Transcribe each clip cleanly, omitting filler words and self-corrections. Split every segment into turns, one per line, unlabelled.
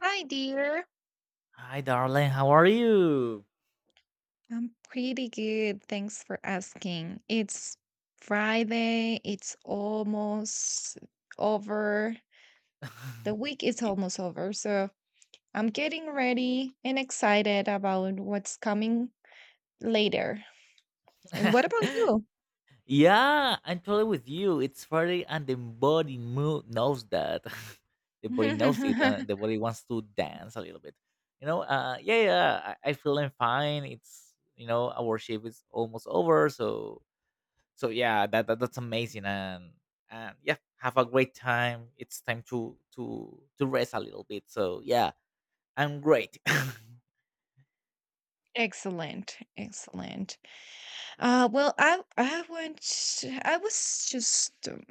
Hi, dear.
Hi, darling. How are you?
I'm pretty good. Thanks for asking. It's Friday. It's almost over. The week is almost over. So I'm getting ready and excited about what's coming later. And what about you?
Yeah, I'm totally with you. It's Friday, and the body knows that. The body knows it, and the body wants to dance a little bit. I feeling fine. Our shift is almost over, so so yeah, that's amazing, and yeah, have a great time. It's time to rest a little bit. So yeah, I'm great.
Excellent, excellent. Well, I want I was just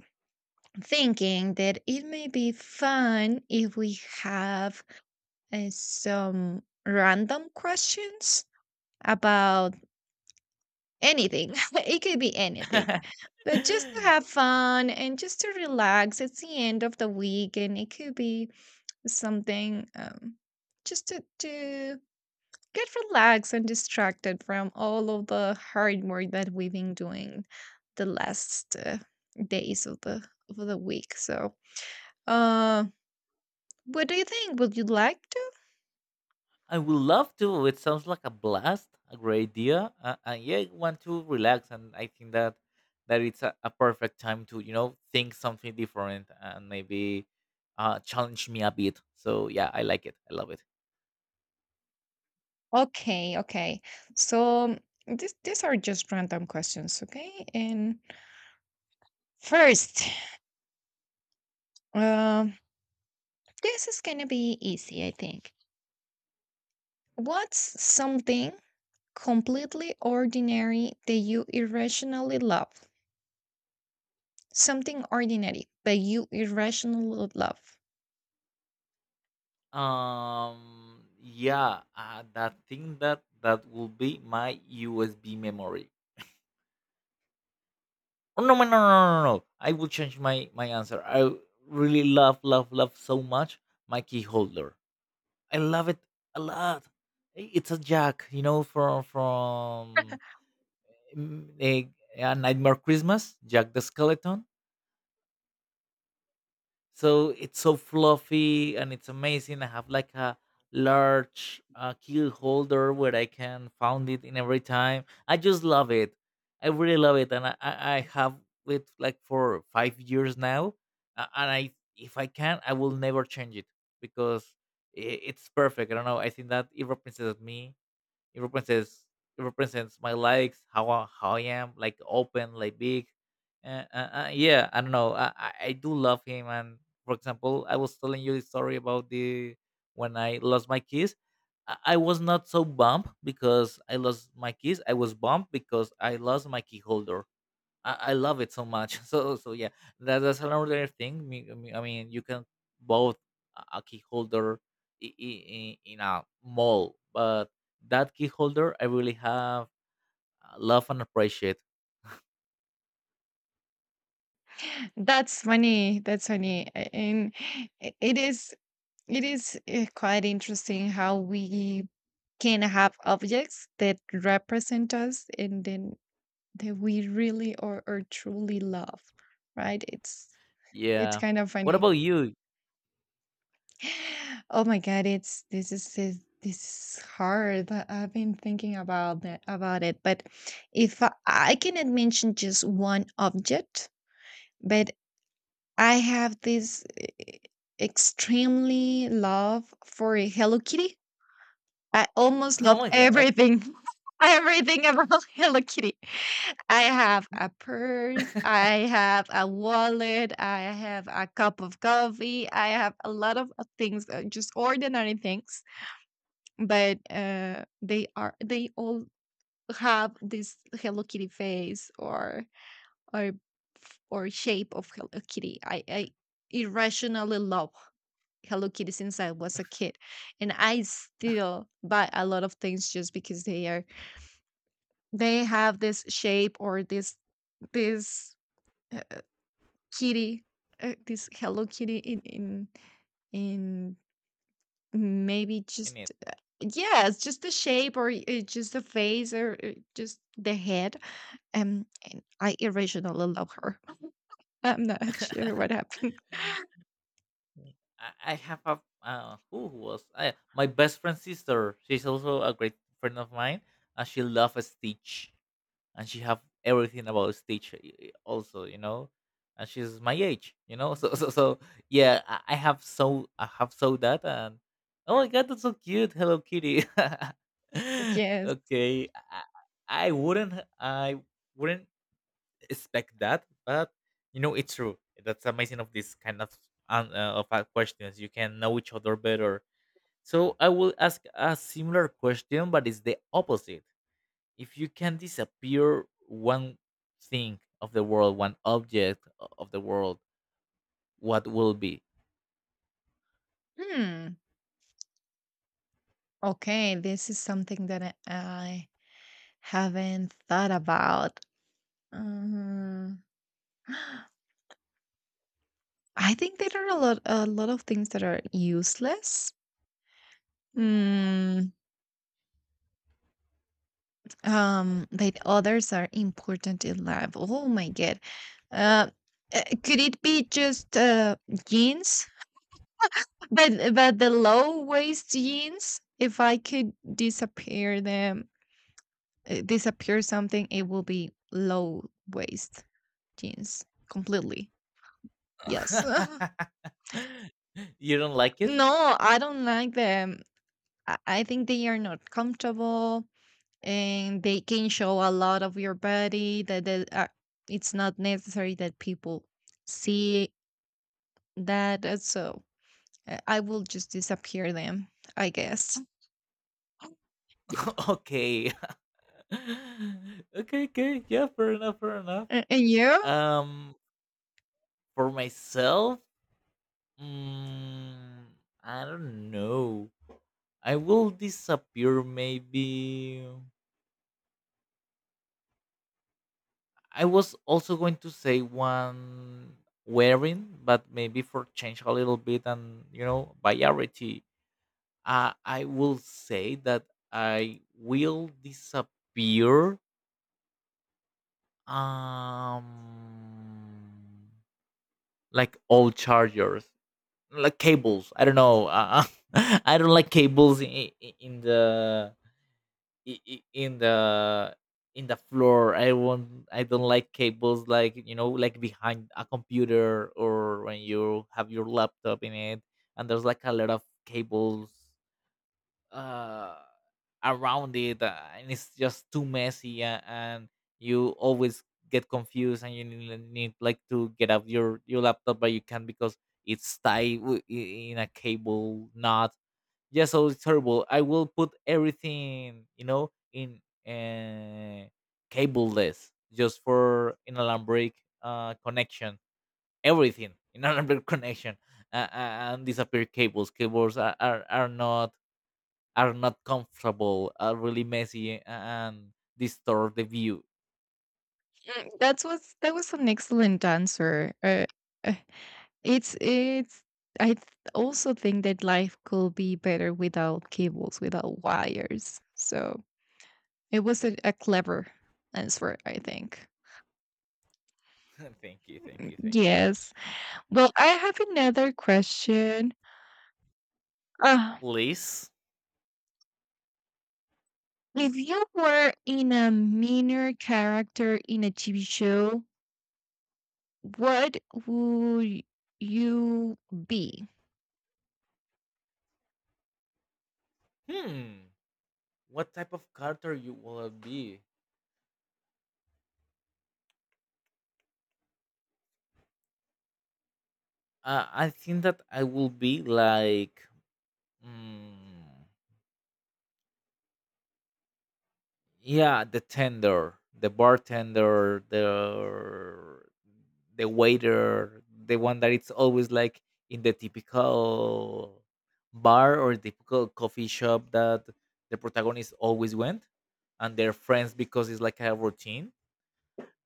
thinking that it may be fun if we have some random questions about anything. It could be anything, but just to have fun and just to relax. It's the end of the week, and it could be something, just to get relaxed and distracted from all of the hard work that we've been doing the last days of the week. So, uh, what do you think? Would you like to?
I would love to. It sounds like a blast, a great idea. And yeah, I want to relax, and I think that it's a perfect time to think something different and maybe challenge me a bit. So yeah, I like it. I love it.
Okay, okay. So these are just random questions, okay? And first, uh, this is gonna be easy, I think. What's something completely ordinary that you irrationally love? Something ordinary that you irrationally love.
Yeah, that thing that will be my USB memory. Oh no, no, no, no, no! No. No, I will change my answer. I really love, love, love so much my key holder. I love it a lot. It's a Jack, you know, from mm, a, a Nightmare Christmas, Jack the Skeleton. So it's so fluffy and it's amazing. I have like a large key holder where I can found it in every time. I just love it. I really love it, and I have it like for 5 years now, and I if I can, I will never change it because i- it's perfect. I don't know. I think that it represents me. It represents it represents my likes, how how I am, like open, like big. Uh, uh, yeah, I don't know. I do love him. And for example, I was telling you the story about the when I lost my keys. I was not so bummed because I lost my keys. I was bummed because I lost my key holder. I love it so much. So so yeah, that's another thing. I mean, you can both a key holder in a mall, but that key holder I really have love and appreciate.
That's funny. That's funny, a- and I- it is It is quite interesting how we can have objects that represent us and then that we really or truly love, right? It's
Yeah.
kind of
What
funny.
about you?
Oh my god, it's this is- this is hard. I- I've been thinking about that about it, but if I, I cannot mention just one object, but I have this eh, extremely love for a Hello Kitty. I almost
Oh
love
my god,
everything, everything about Hello Kitty. I have a purse, I have a wallet, I have a cup of coffee, I have a lot of things, just ordinary things, but they all have this Hello Kitty face or or shape of Hello Kitty. I irrationally love Hello Kitty since I was a kid, and I still buy a lot of things just because they have this shape or this uh, kitty, this Hello Kitty in maybe
in
just
it.
yes, just the shape or just the face or just the head. And I irrationally love her. I'm not sure what happened.
I have a my best friend's sister. She's also a great friend of mine, and she loves Stitch. And she have everything about Stitch also, you know, and she's my age, you know. So yeah, I have so that and oh my god, that's so cute, Hello Kitty.
Yes.
Okay, I, I wouldn't I wouldn't expect that, but you know it's true. That's amazing of this kind of questions. You can know each other better. So I will ask a similar question, but it's the opposite. If you can disappear one thing of the world, one object of the world, what will be?
Hmm. Okay, this is something that I haven't thought about. Uh, I think there are a lot of things that are useless. Mm, that others are important in life. Oh my god. Uh, could it be just jeans? But the low waist jeans. If I could disappear them, disappear something, it will be low waist jeans completely. Yes.
You don't like it?
No, I don't like them. I think they are not comfortable and they can show a lot of your body that, it's not necessary that people see that. So I will just disappear them, I guess. Yeah.
Okay. Okay, okay. Yeah, fair enough, fair enough.
And you?
Um for myself, mm, I don't know. I will disappear maybe I was also going to say one wearing, but maybe for change a little bit and you know variety. I will say that I will disappear. Um, like old chargers, like cables. I don't know. I don't like cables in the i- i- in the in the floor. I don't like cables like you know like behind a computer or when you have your laptop in it and there's like a lot of cables uh around it, and it's just too messy, and you always get confused and you need, like, to get up your laptop but you can't because it's in a cable knot. Yeah, so it's terrible. I will put everything you know in uh, cableless, just for inalambric connection. Everything inalambric connection, and disappear cables. Cables are not, are not comfortable, are really messy and distort the view.
Mm, that was an excellent answer. Uh, it's it's I th- also think that life could be better without cables, without wires. So it was a clever answer, I think.
Thank you, thank you, thank you.
Yes. Well, I have another question. Uh,
Please.
if you were in a minor character in a TV show, what would you be?
Hmm. What type of character you will be? I think that I will be like, mm, yeah, the bartender, the waiter, the one that it's always like in the typical bar or typical coffee shop that the protagonist always went and their friends because it's like a routine.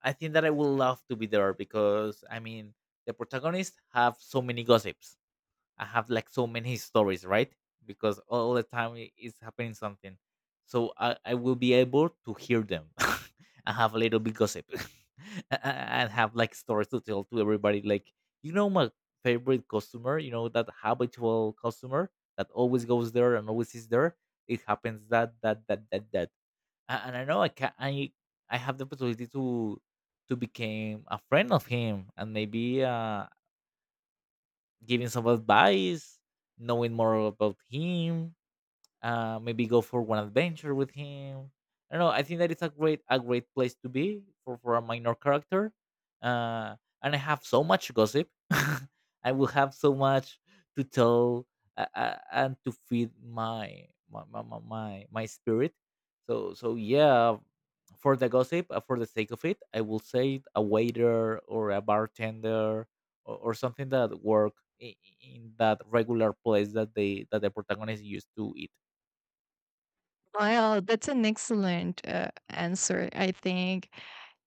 I think that I would love to be there because I mean the protagonists have so many gossips. I have like so many stories, right? Because all the time is happening something. So I will be able to hear them. And have a little bit gossip. And have like stories to tell to everybody. Like, you know, my favorite customer, you know, that habitual customer that always goes there and always is there. It happens that. And I know I can, I have the possibility to become a friend of him and maybe giving some advice, knowing more about him, maybe go for one adventure with him. I don't know. I think that it's a great place to be for a minor character. Uh, and I have so much gossip. I will have so much to tell, and to feed my spirit. So so yeah, for the gossip, for the sake of it, I will say a waiter or a bartender or something that work in, in that regular place that they that the protagonist used to eat.
Well, that's an excellent answer. I think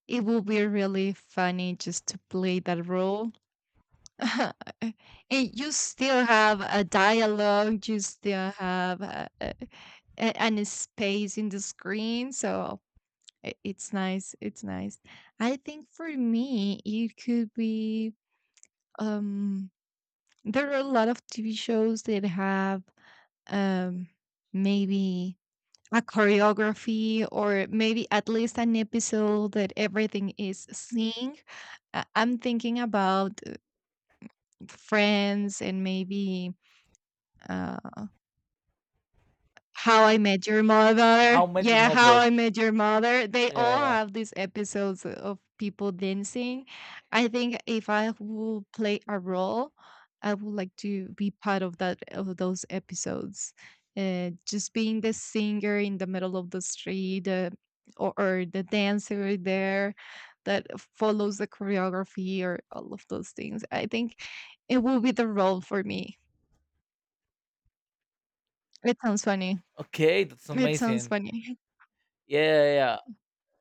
it will be really funny just to play that role. And you still have a dialogue, you still have and a space in the screen. So I- it's nice. It's nice. I think for me, it could be um, there are a lot of TV shows that have um, maybe a choreography or maybe at least an episode that everything is sync. I- I'm thinking about Friends and maybe uh, How I Met Your Mother.
How Met Your
Yeah, How I
Mother.
Met Your Mother. They
Yeah,
all
yeah.
have these episodes of people dancing. I think if I will play a role, I would like to be part of that of those episodes. Just being the singer in the middle of the street, or the dancer there that follows the choreography, or all of those things. I think it will be the role for me. It sounds funny.
Okay, that's
It sounds
amazing.
funny.
Yeah, yeah, yeah.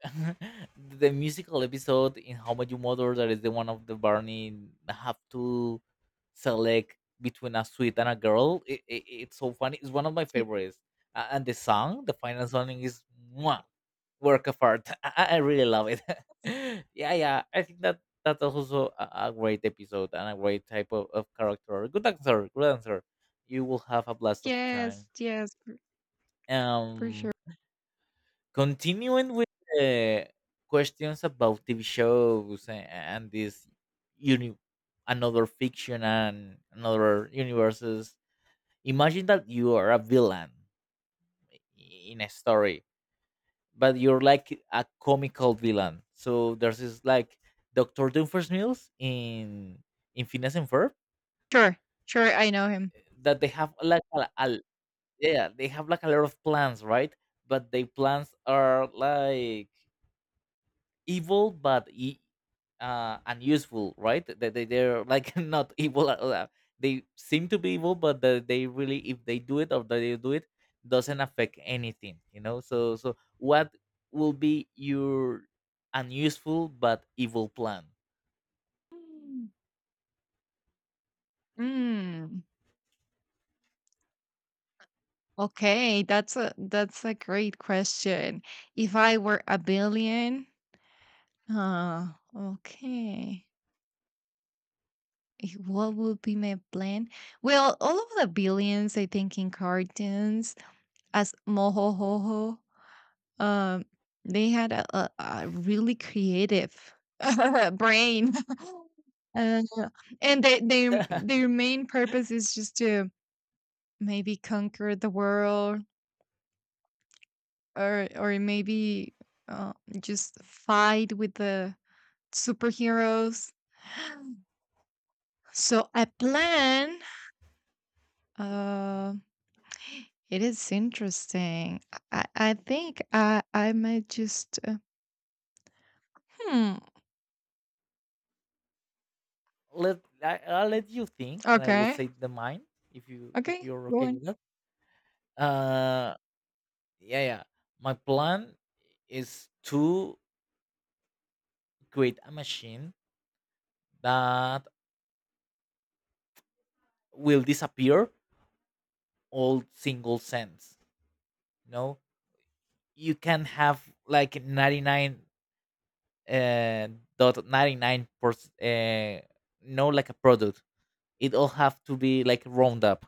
The musical episode in How Met You Mother that is the one of the Barney have to select between a sweet and a girl. It's so funny. It's one of my
Yeah.
favorites. And the song, the final song is mwah, work of art. I really love it. Yeah, yeah. I think that that's also a great episode and a great type of character. Good answer, good answer. You will have a blast of time.
Yes, yes, for, for sure.
Um, continuing with the questions about TV shows and this uni- another fiction and another universes. Imagine that you are a villain in a story but you're like a comical villain. So there's this like Doctor Doom first meals in Phineas and Ferb
Sure, sure, I know him.
that they have like yeah, they have like a lot of plans, right? But the plans are like evil but e- unuseful, right? That they're like not evil at all. They seem to be evil but they really if they do it or they do it doesn't affect anything, you know. So so what will be your unuseful but evil plan?
Mm, Mm, okay, that's a great question. If I were a billion, uh, okay, what would be my plan? Well, all of the billions, I think, in cartoons as mohohoho um, they had a really creative brain. Uh, they their main purpose is just to maybe conquer the world or maybe uh, just fight with the superheroes. So I plan. Uh, it is interesting. I think I might just. Hmm.
Let I'll let you think and I will
Okay.
say the mine if you if
Okay.
you're
Go
okay with that. uh yeah yeah my plan is to create a machine that will disappear all single cents. You know, you can have like 99 uh, dot 99%, no, like a product. It all have to be like round up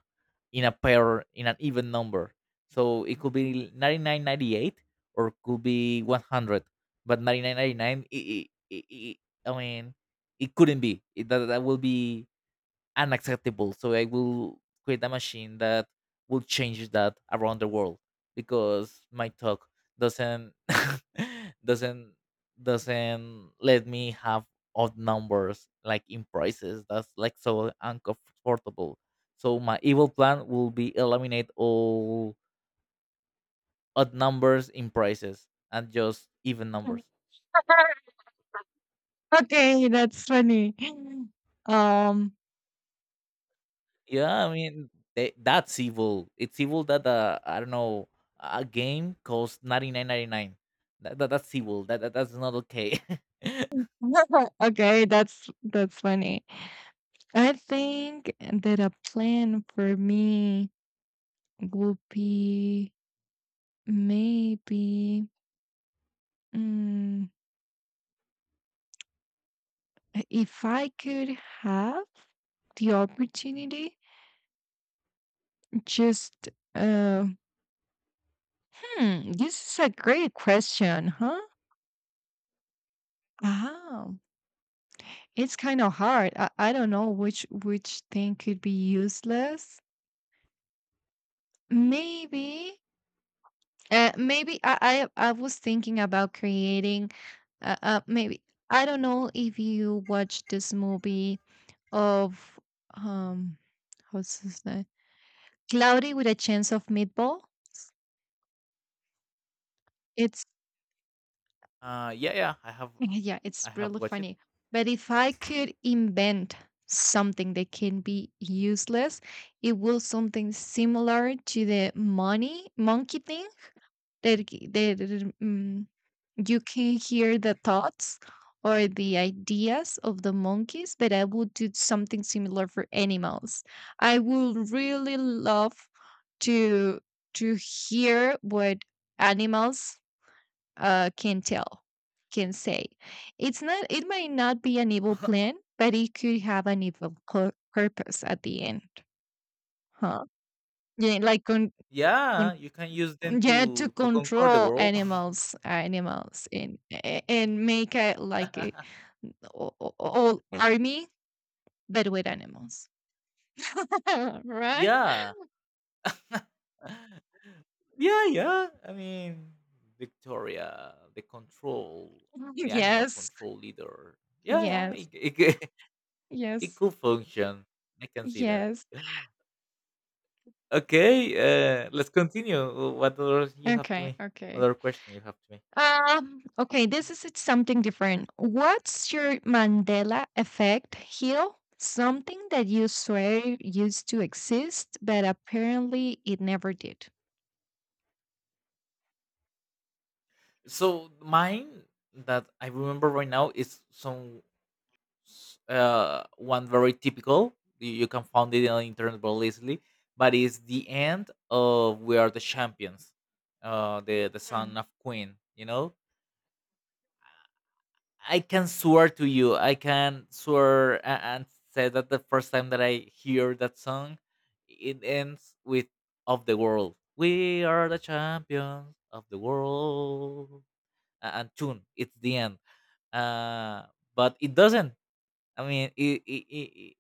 in a pair in an even number. So it could be 99.98 or could be 100, but 99.99. I mean, it couldn't be. That that will be unacceptable. So I will create a machine that will change that around the world because my talk doesn't doesn't doesn't let me have odd numbers like in prices. That's like so uncomfortable. So my evil plan will be eliminate all odd numbers in prices and just even
on.
numbers.
Okay, that's funny. Um,
Yeah, I mean, that's evil. It's evil that I don't know, a game costs 99.99. That's evil. That's not okay.
okay, that's funny. I think that a plan for me would be maybe mm, if I could have the opportunity, just uh, this is a great question, huh? Wow, it's kind of hard. I don't know which thing could be useless. Maybe maybe I was thinking about creating maybe I don't know if you watched this movie of um what's his name? Cloudy with a Chance of Meatball. It's
Yeah, yeah, I have.
yeah, it's
I have
really
watched it.
funny. But if I could invent something that can be useless, it will something similar to the money monkey thing that mm, you can hear the thoughts or the ideas of the monkeys, but I would do something similar for animals. I would really love to to hear what animals can tell, can say. It's not. It might not be an evil plan, but it could have an evil pur- purpose at the end. Huh? Yeah, like con,
Yeah,
con,
you can use them
yeah, to
to conquer the
control
world.
animals, and make a like a o- o- all Mm. army, but with animals. Right?
Yeah, yeah, yeah. I mean, Victoria, the control, the animal
Yes,
control leader. Yeah, yeah,
yes,
it
yes,
could function. I can see that.
yes.
Okay, let's continue. What other you have to
Okay,
me?
okay.
Other question you have to me?
Okay, this is it's something different. What's your Mandela effect here? Something that you swear used to exist, but apparently it never did.
So mine that I remember right now is one very typical. You can find it on the internet very easily, but it's the end of We Are the Champions, the
Mhm.
son of Queen. You know, I can swear to you, I can swear and say that the first time that I hear that song, it ends with "Of the World." We are the champions of the world, and tune. It's the end. Uh, but it doesn't. I mean,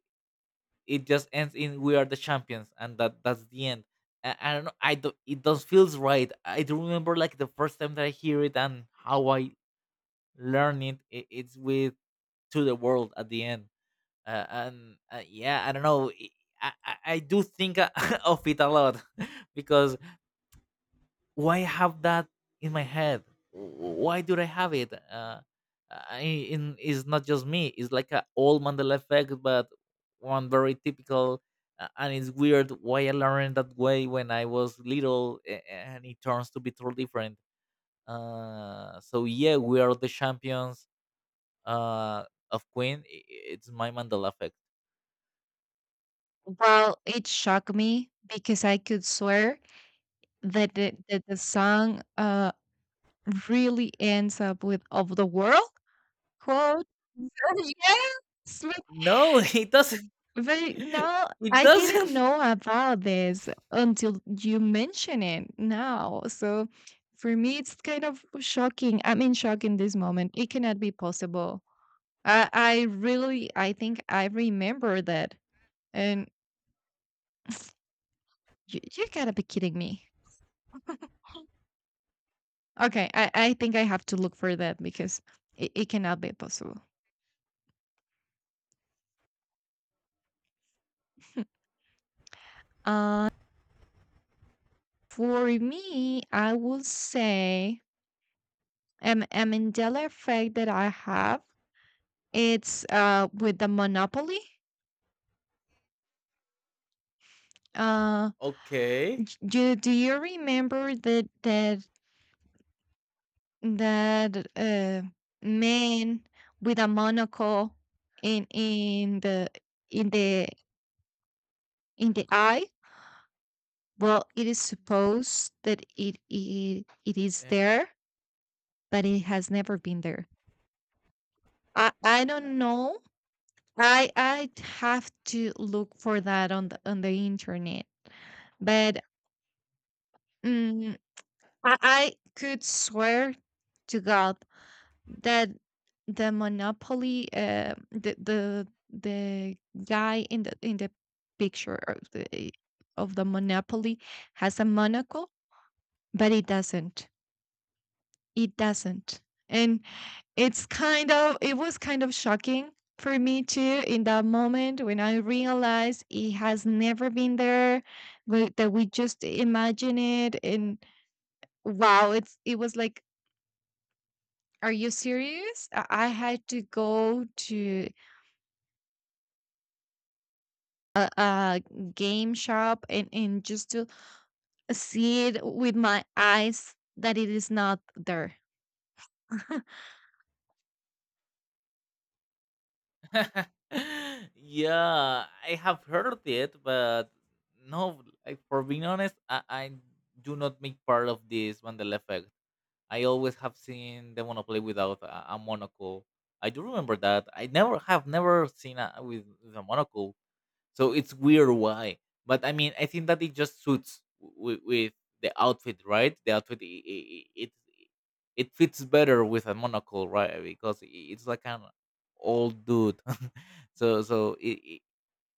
it just ends in "We are the champions," and that's the end. I don't know. Not it does feels right. I do remember like the first time that I hear it and how I learn it. It's with to the world at the end. And yeah, I don't know. I do think of it a lot because why have that in my head? Why do I have it? I, it's not just me. It's like a old Mandela effect, but one very typical. And it's weird why I learned that way when I was little, and it turns to be totally different. So yeah, we are the champions uh, of Queen. It's my Mandela effect.
Well, it shocked me because I could swear that the song really ends up with of the world quote. Yes,
No, it doesn't.
but no,
It
I didn't
doesn't.
know about this until you mention it now. So for me, it's kind of shocking. I'm in shock in this moment. It cannot be possible. I really, I think I remember that. And you gotta be kidding me. Okay, I think I have to look for that because it cannot be possible. Uh, for me, I would say a effect that I have, it's with the Monopoly. Uh,
Okay.
do you remember that man with a monocle in in the in the in the eye? Well, it is supposed that it is
Eh,
there, but it has never been there. I don't know. I have to look for that on the internet, but Mm, I could swear to God that the guy in the picture of the monopoly has a monocle, but it doesn't. It doesn't, and it's kind of it was kind of shocking for me too in that moment when I realized it has never been there, we- that we just imagine it, and wow, it's it was like are you serious? I had to go to a game shop, and just to see it with my eyes that it is not there.
yeah, I have heard of it, but no, like, for being honest, I do not make part of this Mandela effect. I always have seen the Monopoly without a monocle. I do remember that. I never have never seen a with a monocle. So it's weird why, but I mean, I think that it just suits with the outfit, right? The outfit it fits better with a monocle, right? Because it's like an old dude, so so it, it,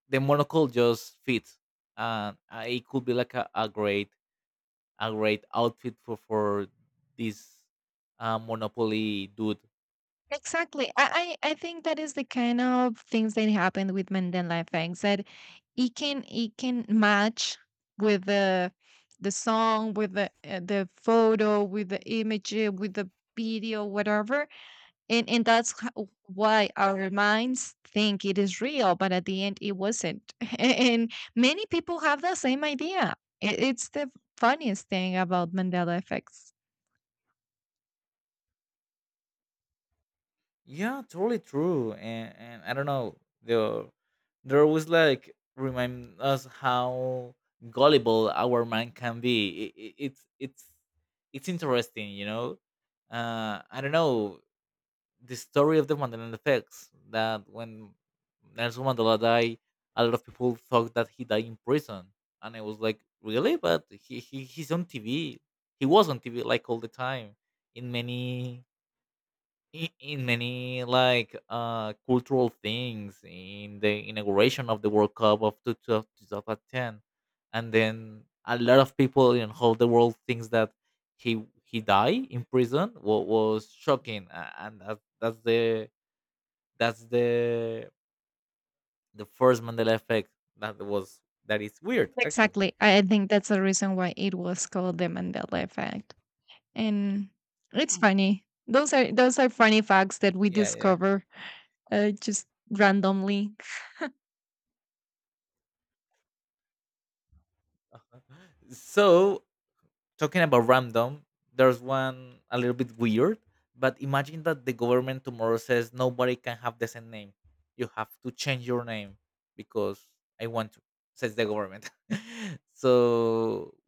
the monocle just fits, and it could be like a great outfit for this monopoly dude.
Exactly. I think that is the kind of things that happened with Mandela effects that it can match with the song, with the photo, with the image, with the video, whatever, and that's ho- why our minds think it is real, but at the end it wasn't. And many people have the same idea. It's the funniest thing about Mandela effects.
Yeah, totally true. And I don't know, the there always like remind us how gullible our mind can be. It's it's interesting, you know. I don't know the story of the Mandela effects that when Nelson Mandela died, a lot of people thought that he died in prison, and I was like, really? But he he's on TV. He was on TV like all the time in many in many like cultural things in the inauguration of the World Cup of 2010, and then a lot of people in whole the world thinks that he died in prison what was shocking and that's the that's the first Mandela effect that was that is weird actually.
Exactly. I think that's the reason why it was called the Mandela effect. And it's funny. Those are funny facts that we
Yeah, yeah.
discover just randomly
So talking about random, there's one a little bit weird, but imagine that the government tomorrow says nobody can have the same name. You have to change your name because I want to, says the government. So,